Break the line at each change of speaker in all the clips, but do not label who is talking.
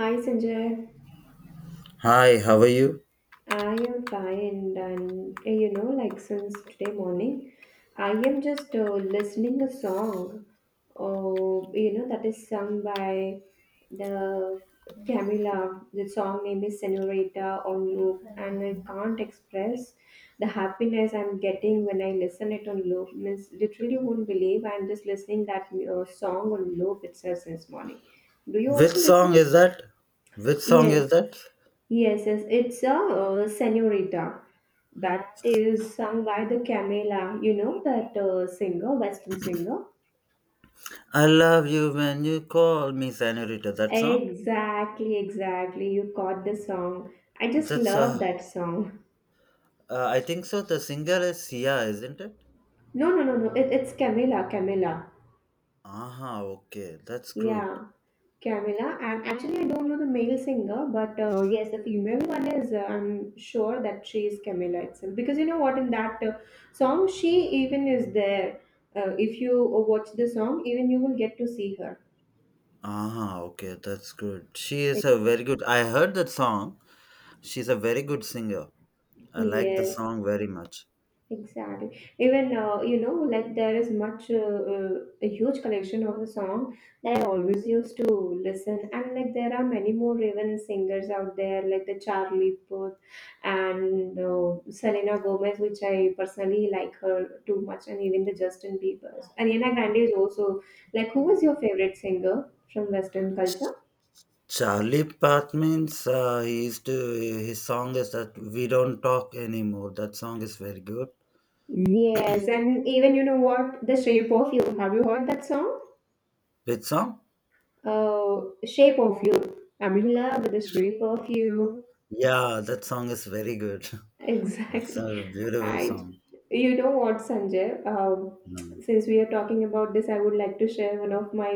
Hi Sanjay,
Hi, how are you?
I am fine and you know like since today morning I am just listening a song oh you know that is sung by the Camila. The song name is Senorita on loop and I can't express the happiness I'm getting when I listen it on loop. Means literally won't believe I'm just listening that song on loop itself since morning. Do you
Which
also
song
listen?
is that? Which song
Yes.
is that?
Yes, yes, it's a Senorita that is sung by the Camila, that singer, Western singer.
I love you when you call me senorita. That song?
Exactly, exactly. You caught the song. I just
That's
love that song.
I think so. The singer is Sia, isn't it?
No, no, no, no. It's Camila, Camila.
Aha, okay, that's good.
Yeah. Camila, and actually, I don't know the male singer, but yes, the female one is. I'm sure that she is Camila itself, because you know what? In that song, she even is there. If you watch the song, even you will get to see her.
Aha, okay, that's good. She is a very good. I heard that song. She's a very good singer. I like the
Yes.
song very much.
Exactly. Even like there is much a huge collection of the song that I always used to listen, and like there are many more Raven singers out there, like the Charlie Puth and Selena Gomez, which I personally like her too much, and even the Justin Bieber's. Ariana Grande is also like, who was your favorite singer from Western culture?
Charlie Path means he used to his song is that we don't talk anymore. That song is very good.
Yes, and even you know what, The Shape of You. Have you heard that song?
Which song?
Oh, shape of you. I'm in love with the shape of you.
Yeah, that song is very good. That's
Exactly.
a beautiful
And
song.
you know what, Sanjay?
Mm.
Since we are talking about this, I would like to share one of my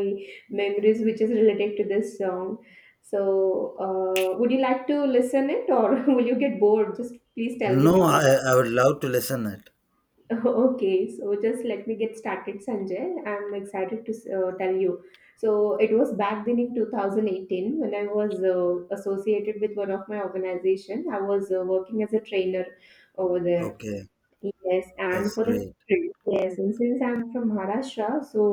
memories which is related to this song. So, would you like to listen it or will you get bored? Just please tell me
No,
before
I,
that.
I would love to listen it.
Okay, so just let me get started, Sanjay. I'm excited to tell you. So it was back then in 2018 when I was associated with one of my organization. I was working as a trainer over there.
Okay,
Yes, and
that's
for the
great.
trip. Yes, and since I'm from Maharashtra, so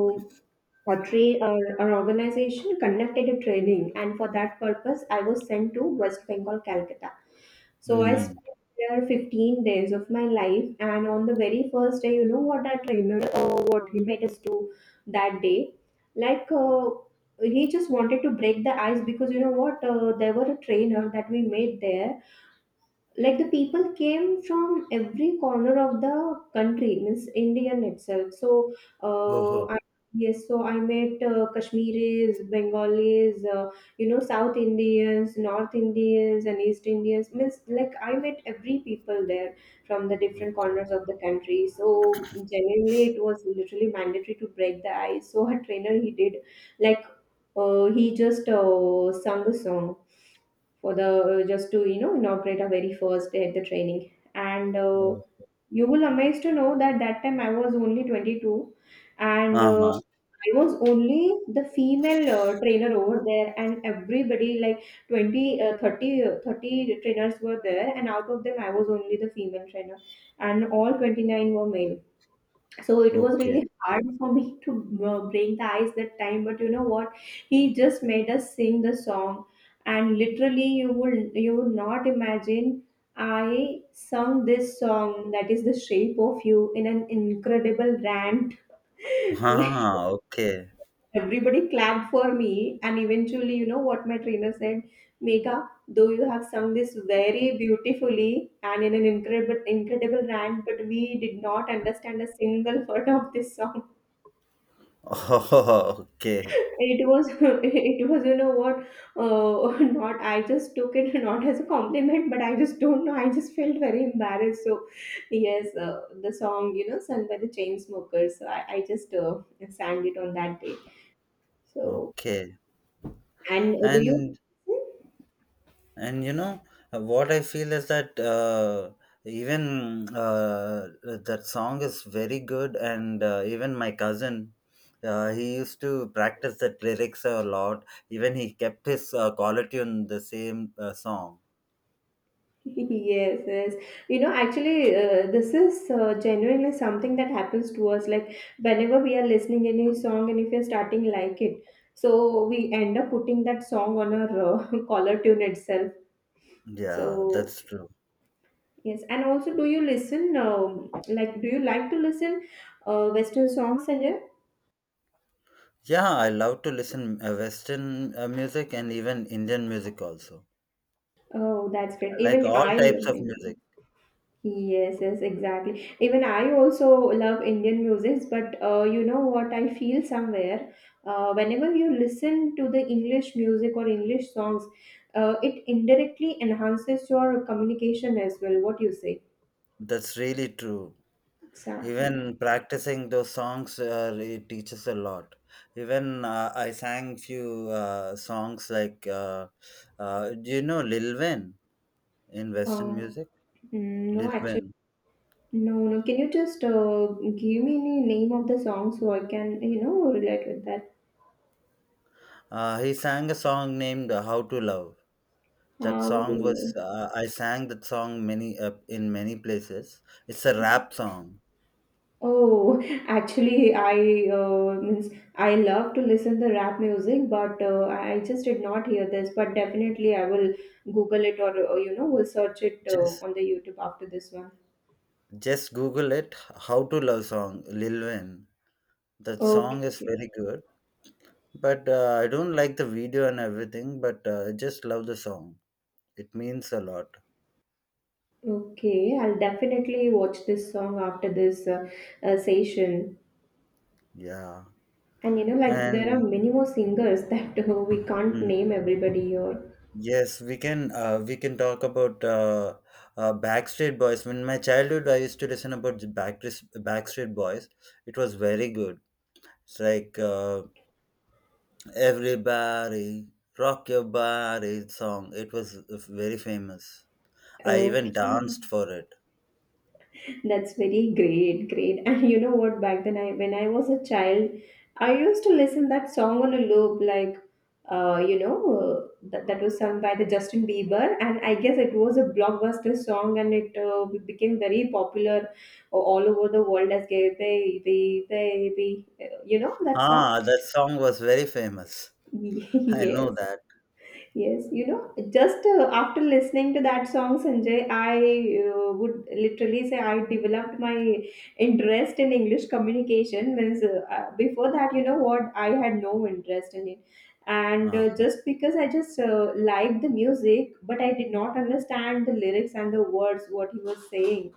or train or an organization conducted a training, and for that purpose I was sent to West Bengal, Calcutta. So I spent
Mm-hmm.
there 15 days of my life, and on the very first day you know what our trainer what he made us do that day, like he just wanted to break the ice, because you know what there were a trainer that we made there. Like the people came from every corner of the country, means Indian itself. So uh,
Oh,
I, yes, so I met Kashmiris, Bengalis, you know, South Indians, North Indians and East Indians. Means like I met every people there from the different corners of the country. So genuinely it was literally mandatory to break the ice. So her trainer he did, like he just sung a song for the just to you know inaugurate our very first day at the training. And
oh.
you will amazed to know that that time I was only 22, and
Uh-huh.
I was only the female trainer over there, and everybody like 20 30 30 trainers were there, and out of them I was only the female trainer, and all 29 were male. So it was
Okay.
really hard for me to break the ice that time. But you know what, he just made us sing the song, and literally you would not imagine I sung this song that is the shape of you in an incredible rant. Like
Ah, okay.
everybody clapped for me, and eventually you know what my trainer said, Megha, though you have sung this very beautifully and in an incredible rant, but we did not understand a single word of this song.
Oh, okay.
It was, it was, you know what? Not, I just took it not as a compliment, but I just don't know. I just felt very embarrassed. So, yes, the song, you know, sung by the Chainsmokers. So I just sang it on that day. So,
Okay.
and do you?
And And you know, what I feel is that even that song is very good, and even my cousin. He used to practice that lyrics a lot. Even he kept his color tune the same song.
Yes, yes. You know, actually, this is genuinely something that happens to us. Like, whenever we are listening any song and if you are starting like it, so we end up putting that song on our collar tune itself.
Yeah,
So,
that's true.
yes. And also, do you listen, like, do you like to listen Western songs, Sanjay?
Yeah, I love to listen Western music and even Indian music also.
Oh, that's great.
I like
Even
all
I
types of
love.
music.
Yes, yes, exactly. Even I also love Indian music, but you know what I feel somewhere? Whenever you listen to the English music or English songs, it indirectly enhances your communication as well. What you say?
That's really true.
Exactly.
Even practicing those songs, it teaches a lot. Even I sang few songs like, do you know Lil Wayne in Western
Um,
music?
no,
lil
actually,
wayne
no, no. Can you just give me any name of the song so I can, you know, relate with that?
uh, he sang a song named, how to love? That
How do
song was,
you?
I sang that song many, in many places. It's a rap song.
Oh, actually, I means I love to listen the rap music, but I just did not hear this. But definitely, I will Google it or you know will search it
just
on the YouTube after this one.
just google it. How to love song, Lil Wayne. That song is
Okay,
very good. But I don't like the video and everything, but I just love the song. It means a lot.
okay, I'll definitely watch this song after this session.
Yeah.
And you know, like there are
And
many more singers that we can't
mm,
name everybody here.
yes, we can, we can talk about, Backstreet Boys. In my childhood, I used to listen about the Backstreet Boys. It was very good. It's like, everybody rock your body song. It was very famous. I even
Okay.
danced for it.
That's very great, great. And you know what? Back then, I when I was a child, I used to listen that song on a loop, like, uh, you know, uh, that was sung by the Justin Bieber, and I guess it was a blockbuster song, and it became very popular all over the world as "Gay Baby, Baby." You know that song?
Ah, that song was very famous. I know
Yes.
that.
Yes, you know, just after listening to that song, Sanjay, I would literally say I developed my interest in English communication. Means before that, you know what, I had no interest in it, and
Ah.
just because I just liked the music, but I did not understand the lyrics and the words what he was saying.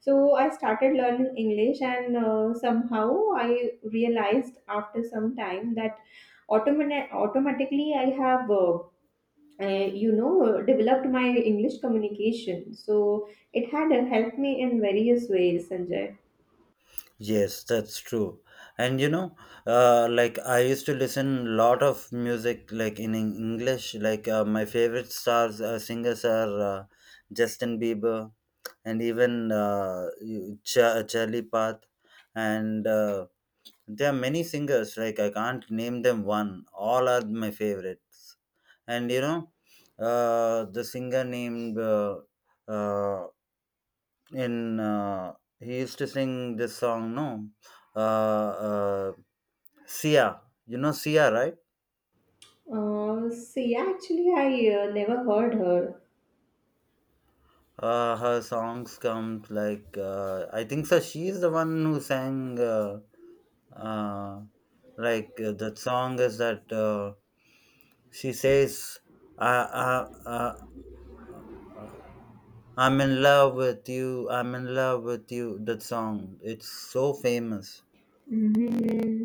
So I started learning English, and somehow I realized after some time that automatically I have. You know developed my English communication. So it had helped me in various ways, Sanjay.
Yes, that's true. And you know, like I used to listen lot of music like in English. Like, my favorite stars, singers are, Justin Bieber, and even Charlie Path, and there are many singers. Like I can't name them one. All are my favorites. And you know, the singer named, uh, in he used to sing this song. No, uh, uh Sia, you know, Sia, right?
See actually I never heard her.
Her songs come like, I think so she is the one who sang, uh that song is that, she says, "I I I uh, I'm in love with you, I'm in love with you." That song, it's so famous.
Hmm.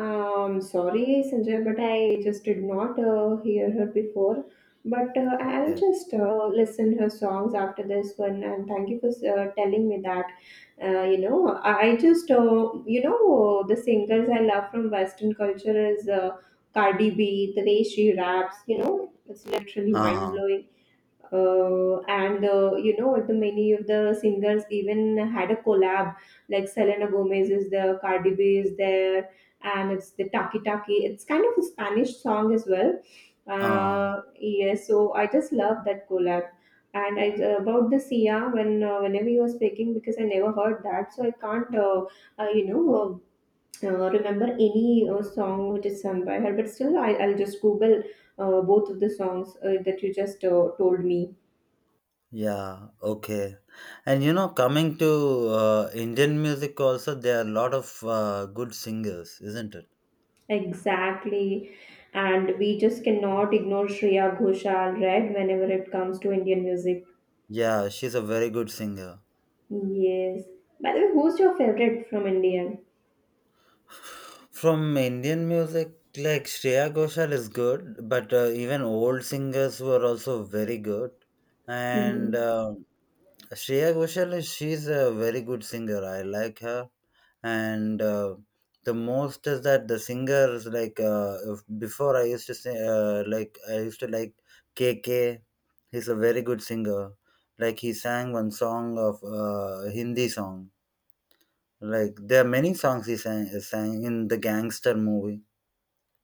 Sorry, Sanjay, but I just did not hear her before. But I'll
Okay.
just listen her songs after this one. And thank you for telling me that. You know, I just you know the singers I love from Western culture is Cardi B, the way she raps. You know, it's literally mind
Uh-huh.
blowing. And You know the many of the singers even had a collab, like Selena Gomez is there, Cardi B is there, and it's the Taki Taki, it's kind of a Spanish song as well.
Uh,
Yeah, so I just love that collab. And about the Sia, when whenever you were speaking, because I never heard that, so I can't, uh, you know, remember any song which is sung by her. But still, I'll just Google both of the songs that you just told me.
yeah, okay. And you know, coming to Indian music also, there are a lot of good singers, isn't it?
Exactly. And we just cannot ignore Shreya Ghoshal, right, whenever it comes to Indian music.
Yeah, she's a very good singer.
Yes. By the way, who's your favorite from India?
From Indian music, like Shreya Ghoshal is good, but even old singers were also very good. And
Hmm.
Shreya Ghoshal, she's a very good singer. I like her, and the most is that the singers like, before I used to say, like I used to like K K. He's a very good singer. Like he sang one song of Hindi song. Like there are many songs he sang in the gangster movie.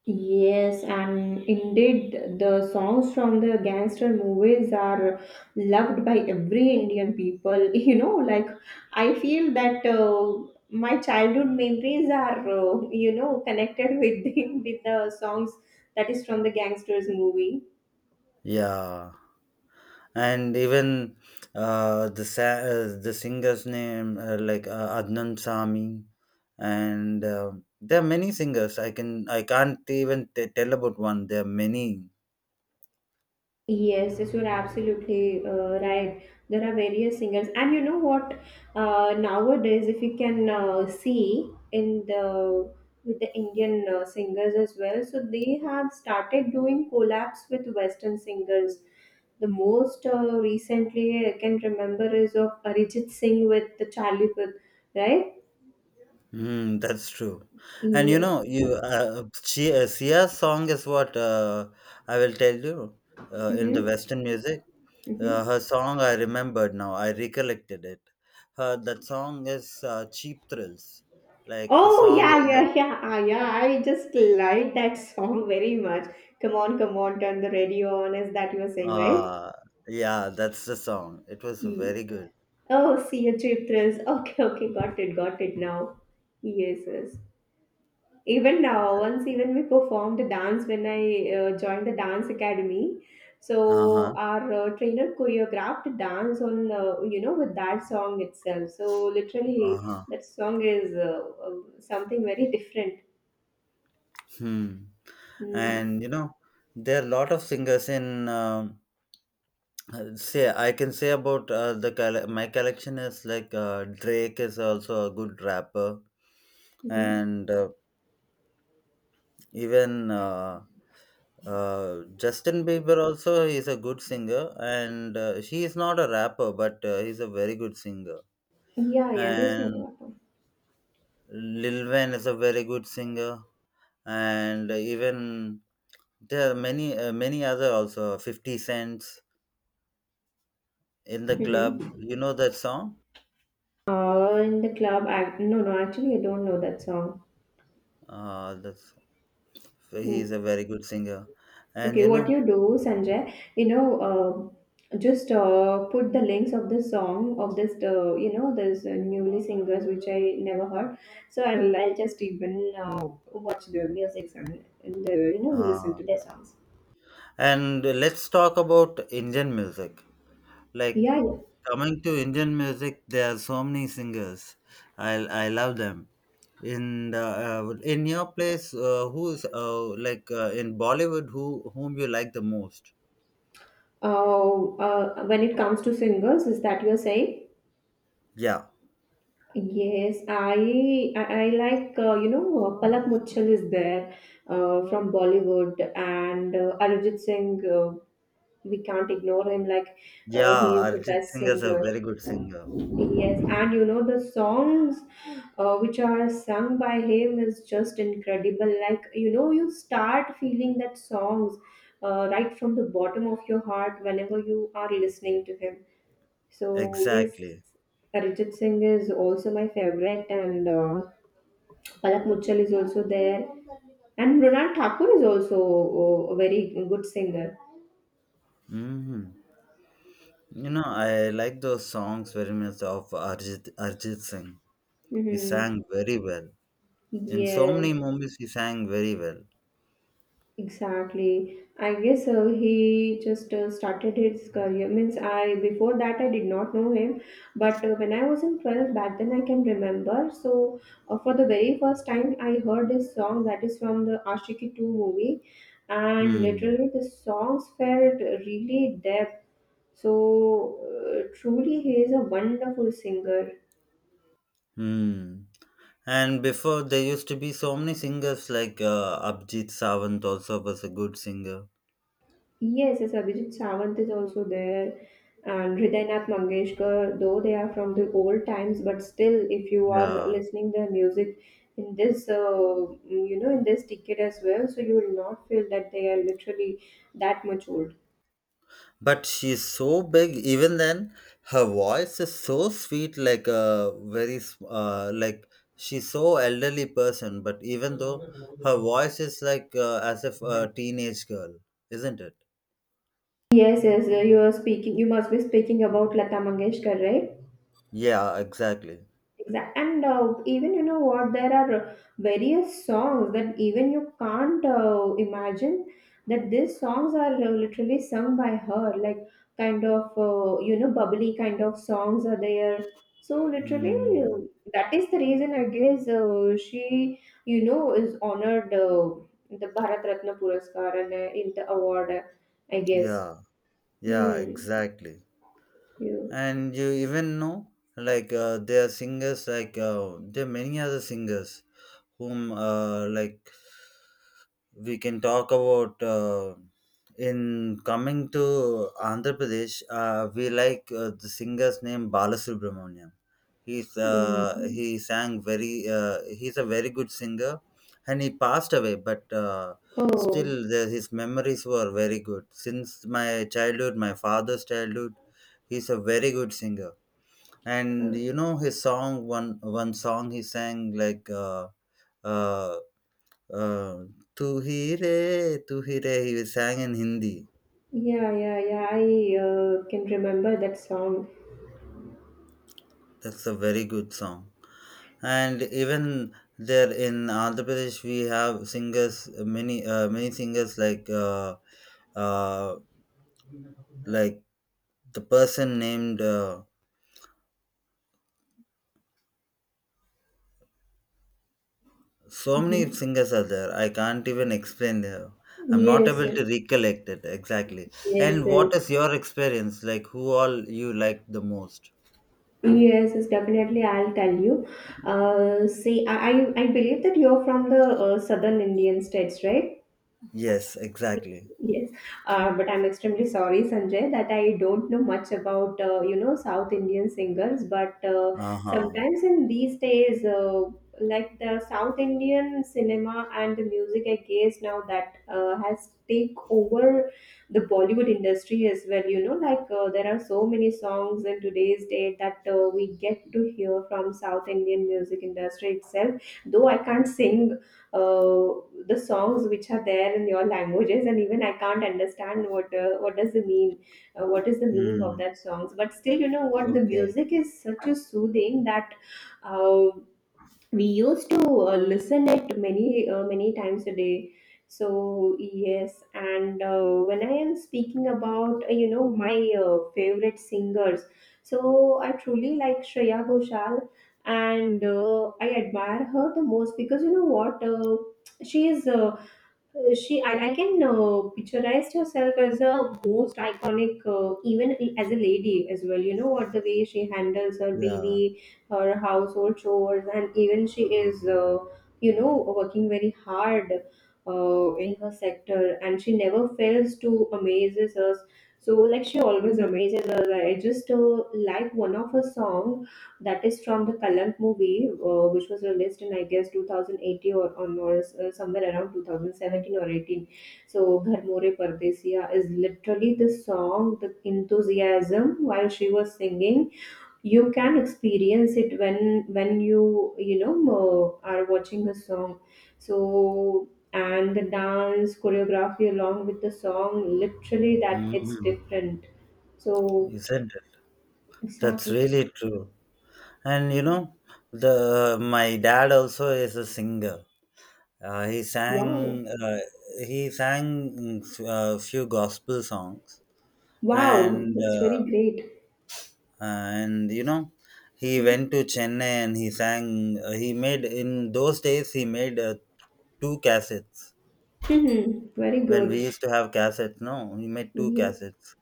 Yes, and indeed, the songs from the gangster movies are loved by every Indian people. You know, like I feel that my childhood memories are, connected with the, with the songs that is from the gangsters movie.
Yeah. And even the singer's name, like, Adnan Sami, and there are many singers. I can't even tell about one. There are many.
Yes, yes, you're absolutely right. There are various singers, and you know what? Nowadays, if you can see in the with the Indian singers as well, so they have started doing collabs with Western singers. The most recently I can remember is of Arijit Singh with the Charlie Puth, right?
Mm, that's true. And you
Yes.
know, Sia's song is what, I will tell you, in the
Mm-hmm.
Western music.
Mm-hmm.
Her song I remembered now. I recollected it. Her that song is, Cheap Thrills. Like the
Oh
song
yeah,
is that,
yeah, yeah, ah, yeah. I just like that song very much. Come on, come on, turn the radio on. Is that you were saying, right?
Uh, yeah, that's the song. It was
E.
very good.
Oh, see a trip thrills. Okay, okay, got it now. Yes, yes. Even now, once even we performed the dance when I joined the dance academy. So
Uh-huh.
our trainer choreographed a dance on you know with that song itself. So literally,
Uh-huh.
that song is uh, something very different.
Hmm.
Mm-hmm.
And you know, there are a lot of singers in, say I can say about, my collection is like, Drake is also a good rapper,
Mm-hmm.
and even Justin Bieber also is a good singer, and she is not a rapper, but he's a very good singer,
Yeah, yeah, he's
and
Nagatama.
Lil Wayne is a very good singer. And even there are many, many other also, 50 cents in the club,
Mm-hmm.
you know that song?
In the club, I, no, no, actually, I don't know that song.
uh that's, he
Mm.
is a very good singer. And
Okay,
you
what
know,
you do, Sanjay, just put the links of the song of this, this newly singers which I never heard. So I'll just even watch their music and listen
uh,
to their songs.
and let's talk about Indian music. Like
Yeah, yeah.
coming to Indian music, there are so many singers. I love them. In the, in your place, who's like in Bollywood, whom you like the most?
When it comes to singers, is that you're saying?
Yeah.
Yes, I like Palak Muchal is there from Bollywood and Arijit Singh. We can't ignore him. Like
Yeah,
he is the
Arjit
best
Singh is a
singer.
very good singer.
Yes, and you know the songs which are sung by him is just incredible. Like, you know, you start feeling that songs right from the bottom of your heart whenever you are listening to him. So yes,
Exactly.
Arijit Singh is also my favorite and Palak Muchal is also there, and Mrunal Thakur is also a very good singer.
Hmm. You know, I like those songs very much of Arjit Singh. He
Hmm.
sang very well. In so many
Yes.
movies, he sang very well.
Exactly. I guess he just started his career. Means I before that I did not know him, but when I was in 12 back then I can remember. So for the very first time I heard this song that is from the Ashiki 2 movie and
Hmm.
literally the songs felt really depth. So truly he is a wonderful singer.
Hmm. And before, there used to be so many singers like, Abhijit Sawant also was a good singer.
Yes, yes, Abhijit Sawant is also there, and Hriday Nath Mangeshkar. Though they are from the old times, but still, if you are
Yeah.
listening their music in in this decade as well, so you will not feel that they are literally that much old.
But she's so big, even then her voice is so sweet, like a very she's so elderly person, but even though her voice is like, as if a teenage girl, isn't it?
Yes, yes, you are speaking. You must be speaking about Lata Mangeshkar, right?
Yeah, exactly.
And even you know what, there are various songs that even you can't imagine that these songs are literally sung by her, like kind of bubbly kind of songs are there. So literally,
Hmm.
uh, that is the reason I guess she you know is honored the Bharat Ratna Puraskar and in the award, I guess.
Yeah, yeah,
Hmm.
exactly.
You.
And you even know, like, there are singers like, there are many other singers whom, we can talk about, in coming to Andhra Pradesh. We like, the singer's name Balasubramaniam.
Mm.
He sang very. He's a very good singer, and he passed away. But still,
Oh.
the, his memories were very good. Since my childhood, my father's childhood, he's a very good singer. And you know his song. One song he sang like. Uh, uh, "Tu Hi Re, Tu Hi Re," he sang in Hindi.
Yeah, yeah, yeah. I can remember that song.
That's a very good song. And even there in Andhra Pradesh, we have singers, many, many singers like, uh, like the person named. So many
Hmm.
singers are there. I can't even explain them. I'm not
Yes,
able
yes,
to recollect it exactly.
yes,
And
yes,
what is your experience? Like, who all you like the most?
yes, definitely. I'll tell you. See, I believe that you're from the southern Indian states, right?
Yes, exactly.
Yes, but I'm extremely sorry, Sanjay, that I don't know much about South Indian singers. But
Uh huh.
sometimes in these days, like the South Indian cinema and the music, I guess now that has take over the Bollywood industry as well. You know, like there are so many songs in today's day that we get to hear from South Indian music industry itself. Though I can't sing uh, the songs which are there in your languages, and even I can't understand what what does it mean, what is the meaning of
Hmm.
that songs. But still, you know what, the
Okay.
music is such a soothing that uh, we used to listen it many times a day. So yes, and when I am speaking about my favorite singers, so I truly like Shreya Ghoshal, and I admire her the most because you know what, she is uh, she I can picturize herself as a most iconic, even as a lady as well. You know what, the way she handles her
Yeah.
baby, her household chores, and even she is working very hard in her sector, and she never fails to amazes us. So like, she always amazes us. I just like one of her song that is from the Kalank movie, which was released in I guess 2018 or on or somewhere around 2017 or 18. So Ghar More Pardesiya is literally the song, the enthusiasm while she was singing. You can experience it when you you know are watching a song. So and the dance choreography along with the song, literally that hits
Mhm.
different. So
Isn't it? That's
exactly,
really true. And you know, the my dad also is a singer. Uh, he
wow.
sang uh, he sang a few gospel songs,
Wow,
and
that's very great.
you know, he went to Chennai and he sang. He made in those days he made, two cassettes
Hmm. Very
when
good.
we used to have cassettes. No, he made two
Yes.
cassettes.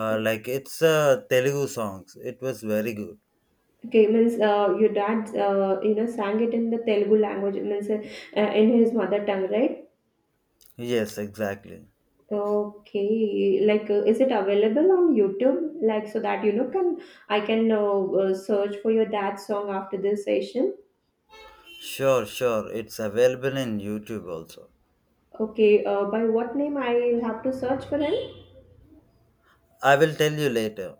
Like it's, Telugu songs. It was very good.
Okay, means your dad, sang it in the Telugu language, means in his mother tongue, right?
Yes, exactly.
Okay, like is it available on YouTube? Like so that, you know, can I can search for your dad's song after this session?
Sure, sure. It's available in YouTube also.
Okay, by what name I'll have to search for him?
I will tell you later.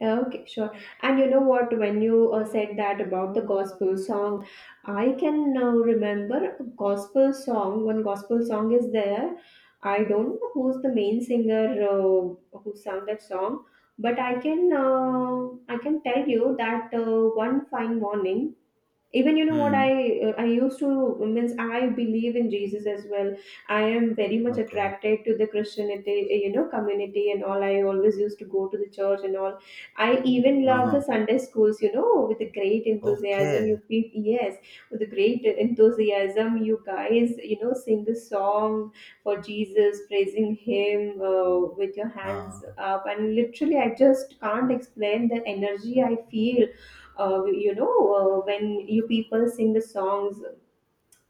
Okay, sure. And you know what? When you said that about the gospel song, I can now remember a gospel song. One gospel song is there. I don't know who's the main singer who sang that song, but I can tell you that one fine morning, even you know what,
Hmm.
I I used to means I believe in Jesus as well. I am very much
Okay.
attracted to the Christianity community and all. I always used to go to the church and all. I even love the
Uh-huh.
Sunday schools. You know, with a great enthusiasm,
Okay.
yes, with a great enthusiasm, you guys, you know, sing the song for Jesus, praising him with your
Uh,
hands up, and literally I just can't explain the energy I feel uh, you know when you people sing the songs,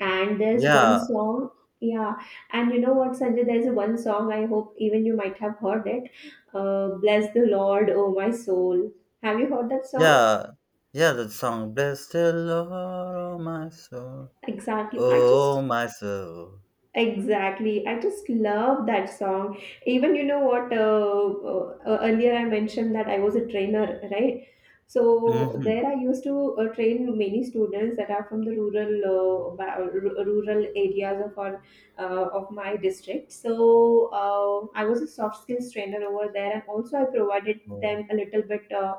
and there's one
yeah,
song, yeah. And you know what, Sanjay, there's one song, I hope even you might have heard it. Bless the Lord, oh my soul. Have you heard that song?
yeah, yeah. That song, "Bless the Lord, oh my soul,
exactly i
oh
just
my soul."
Exactly. I just love that song. Even you know what, earlier I mentioned that I was a trainer, right? So
Mm-hmm.
there I used to train many students that are from the rural rural areas of our of my district. So I was a soft skills trainer over there, and also I provided
Oh,
them a little bit, uh,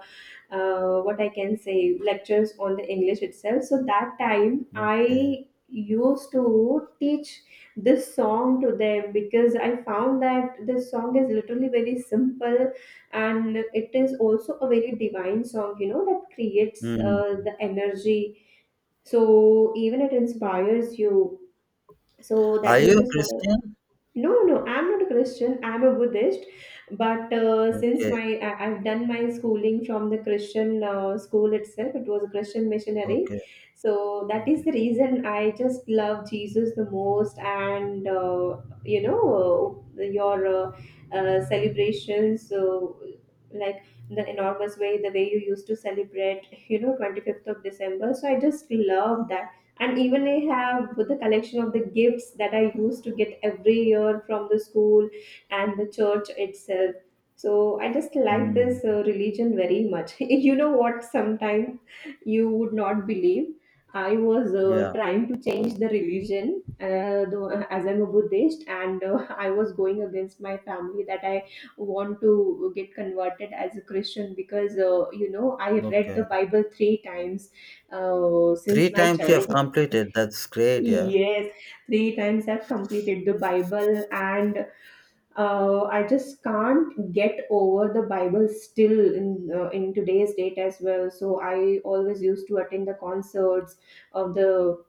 uh, what I can say, lectures on the English itself. So that time
okay.
I used to teach this song to them because I found that this song is literally very simple, and it is also a very divine song, you know, that creates
Mm.
the energy. So even it inspires you. So
Are
that
you
is
a
the song.
Christian?
No, no, I'm not a Christian. I'm a Buddhist. But since
Okay,
my I've done my schooling from the Christian school itself. It was a Christian
okay,
missionary. So that
okay.
is the reason I just love Jesus the most. And your uh, celebrations, like the enormous way, the way you used to celebrate, you know, 25th of December. So I just love that, and even I have the collection of the gifts that I used to get every year from the school and the church itself. So I just like this
Mm.
religion very much. You know what, sometimes you would not believe, I was
Yeah,
trying to change the religion, though, as I'm a Buddhist, and I was going against my family that I want to get converted as a Christian, because you know, I read
okay.
the Bible three times since
Three
my
times you have
child.
completed. That's great, yeah.
Yes, three times I've completed the Bible, and I just can't get over the Bible still in today's date as well. So I always used to attend the concerts of the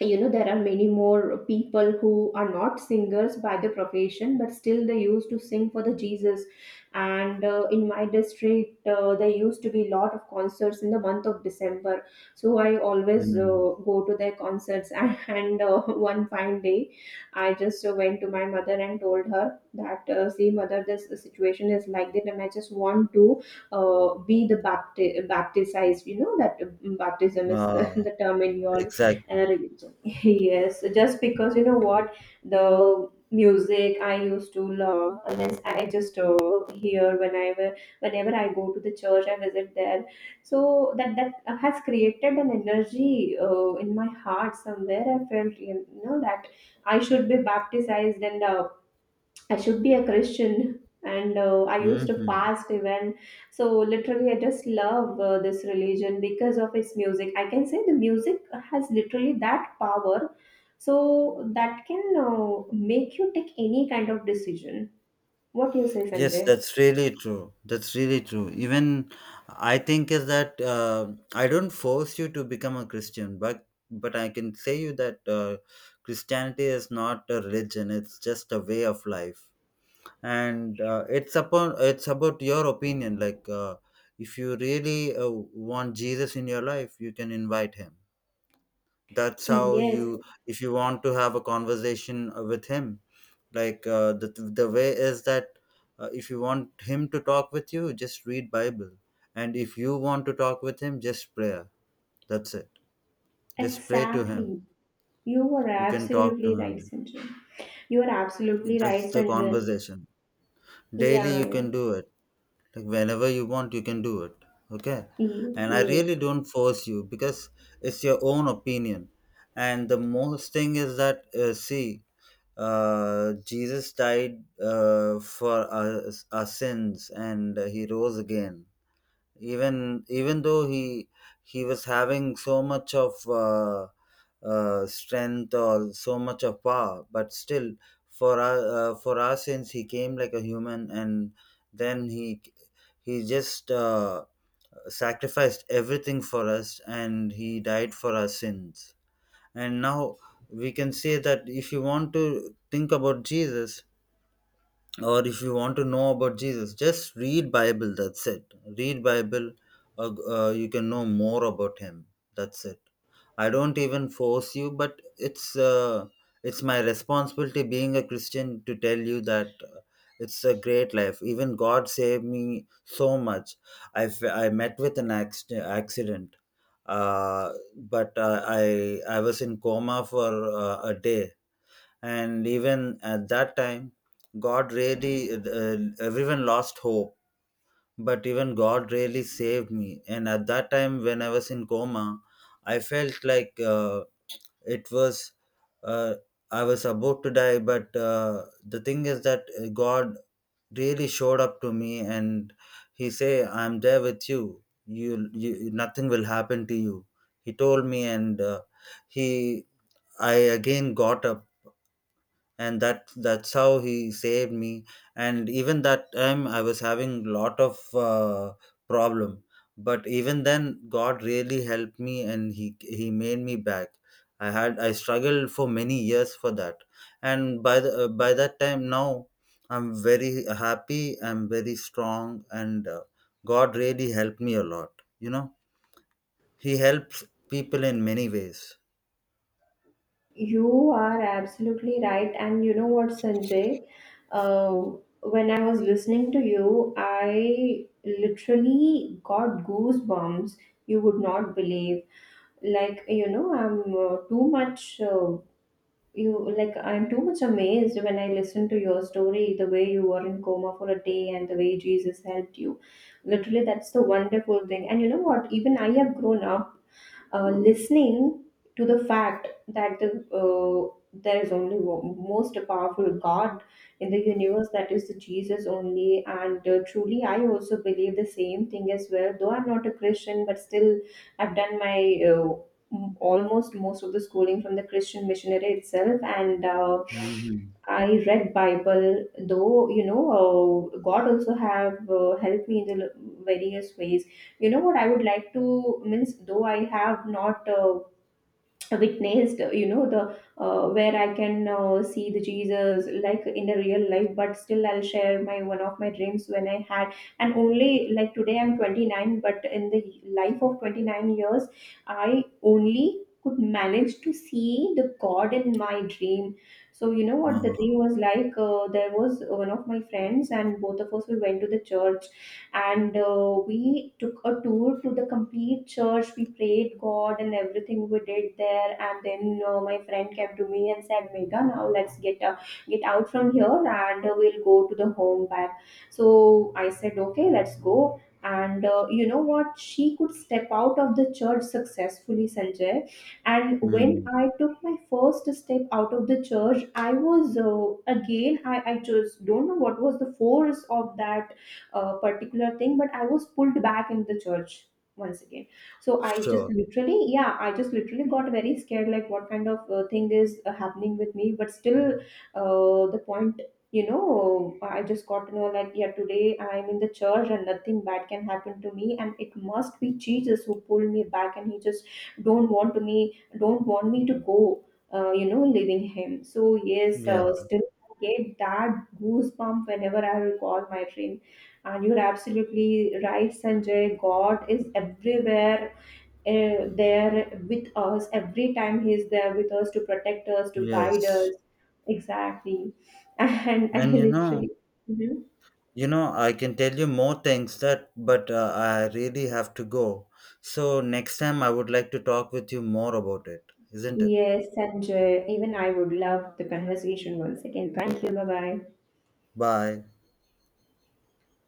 you know, there are many more people who are not singers by the profession, but still they used to sing for the Jesus. And in my district, there used to be a lot of concerts in the month of December. So I always
Mm.
go to their concerts. And one fine day, I just went to my mother and told her that, see mother, this situation is like that, and I just want to be baptized. You know that baptism is the,
Ah.
the term in your
Exactly.
uh, Yes, just because you know what, the music I used to love, unless I just hear, whenever I go to the church, I visit there. So that that has created an energy in my heart somewhere. I felt, you know, that I should be baptized, and I should be a Christian. And I used to
Hmm.
fast even. So literally, I just love this religion because of its music. I can say the music has literally that power. So, that can make you take any kind of decision. What do you say,
Yes,
Sanjay?
that's really true. That's really true. Even I think is that, I don't force you to become a Christian, but I can say you that, Christianity is not a religion. It's just a way of life, and it's upon it's about your opinion. Like, if you really want Jesus in your life, you can invite him. That's how
Yes,
you. If you want to have a conversation with him, like, the way is that, if you want him to talk with you, just read Bible. And if you want to talk with him, just prayer, that's it. Just pray to him.
exactly. You are
You can talk to
absolutely right,
him.
Sanjay. You are absolutely
That's
right,
the
Sanjay.
conversation. Daily
Yeah,
you
yeah.
can do it. Like whenever you want, you can do it. Okay.
Yes,
And I
yes.
really don't force you because it's your own opinion. And the most thing is that, see, Jesus died for us, our sins, and he rose again. Even though he was having so much of, strength, or so much of power, but still for our, for our sins he came like a human, and then he just sacrificed everything for us, and he died for our sins. And now we can say that if you want to think about Jesus, or if you want to know about Jesus, just read Bible. That's it. Read Bible. You can know more about him. That's it. I don't even force you, but it's, it's my responsibility being a Christian to tell you that, it's a great life. Even God saved me so much. I met with an accident. But I was in coma for a day. And even at that time, God really, everyone lost hope, but even God really saved me. And at that time, when I was in coma, I felt like, it was, uh, I was about to die, but the thing is that, God really showed up to me, and he say, "I'm there with you. You, nothing will happen to you." He told me, and he I again got up, and that's how he saved me. And even that time, I was having lot of, problem, but even then, God really helped me, and he made me back. I struggled for many years for that. And by the, by that time now, I'm very happy, I'm very strong, and God really helped me a lot. You know, he helps people in many ways.
You are absolutely right. And you know what, Sanjay? Uh, when I was listening to you, I literally got goosebumps. You would not believe. Like, you know, I'm too much. You like, I'm too much amazed when I listen to your story, the way you were in coma for a day and the way Jesus helped you. Literally, that's the wonderful thing. And you know what, even I have grown up listening to the fact that there is only one, most powerful God in the universe, that is Jesus only. And truly, I also believe the same thing as well. Though I'm not a Christian, but still, I've done my almost most of the schooling from the Christian missionary itself, and
Hmm.
I read Bible, though you know God also have helped me in the various ways. You know what, I would like to means, though I have not witnessed, you know, the where I can see the Jesus like in the real life, but still I'll share my one of my dreams when I had. And only like today I'm 29, but in the life of 29 years, I only could manage to see the God in my dream. So you know what the
Uh,
dream was like, there was one of my friends, and both of us we went to the church, and we took a tour to the complete church, we prayed God and everything we did there. And then my friend came to me and said, Mega, now let's get out from here, and we'll go to the home back. So I said, okay, let's go. And you know what, she could step out of the church successfully, Sanjay. And when
hmm.
I took my first step out of the church, I was again, I just don't know what was the force of that particular thing, but I was pulled back in the church once again. So I just
Sure.
literally, yeah, I just literally got very scared, like what kind of thing is happening with me. But still, the point, you know, I just got to know, like, yeah, today I'm in the church and nothing bad can happen to me, and it must be Jesus who pulled me back, and he just don't want to me don't want me to go, leaving him. So yes,
Yeah.
still I get that goosebump whenever I recall my dream. And you're absolutely right, Sanjay. God is everywhere there with us. Every time He's there with us, to protect us, to guide
Yes.
us. Exactly. And I
And you know,
literally. Mhm.
you know, I can tell you more things that, but I really have to go. So next time I would like to talk with you more about it, isn't it?
Yes, Sanjay. Even I would love the conversation once again. Thank you. Bye bye.
Bye.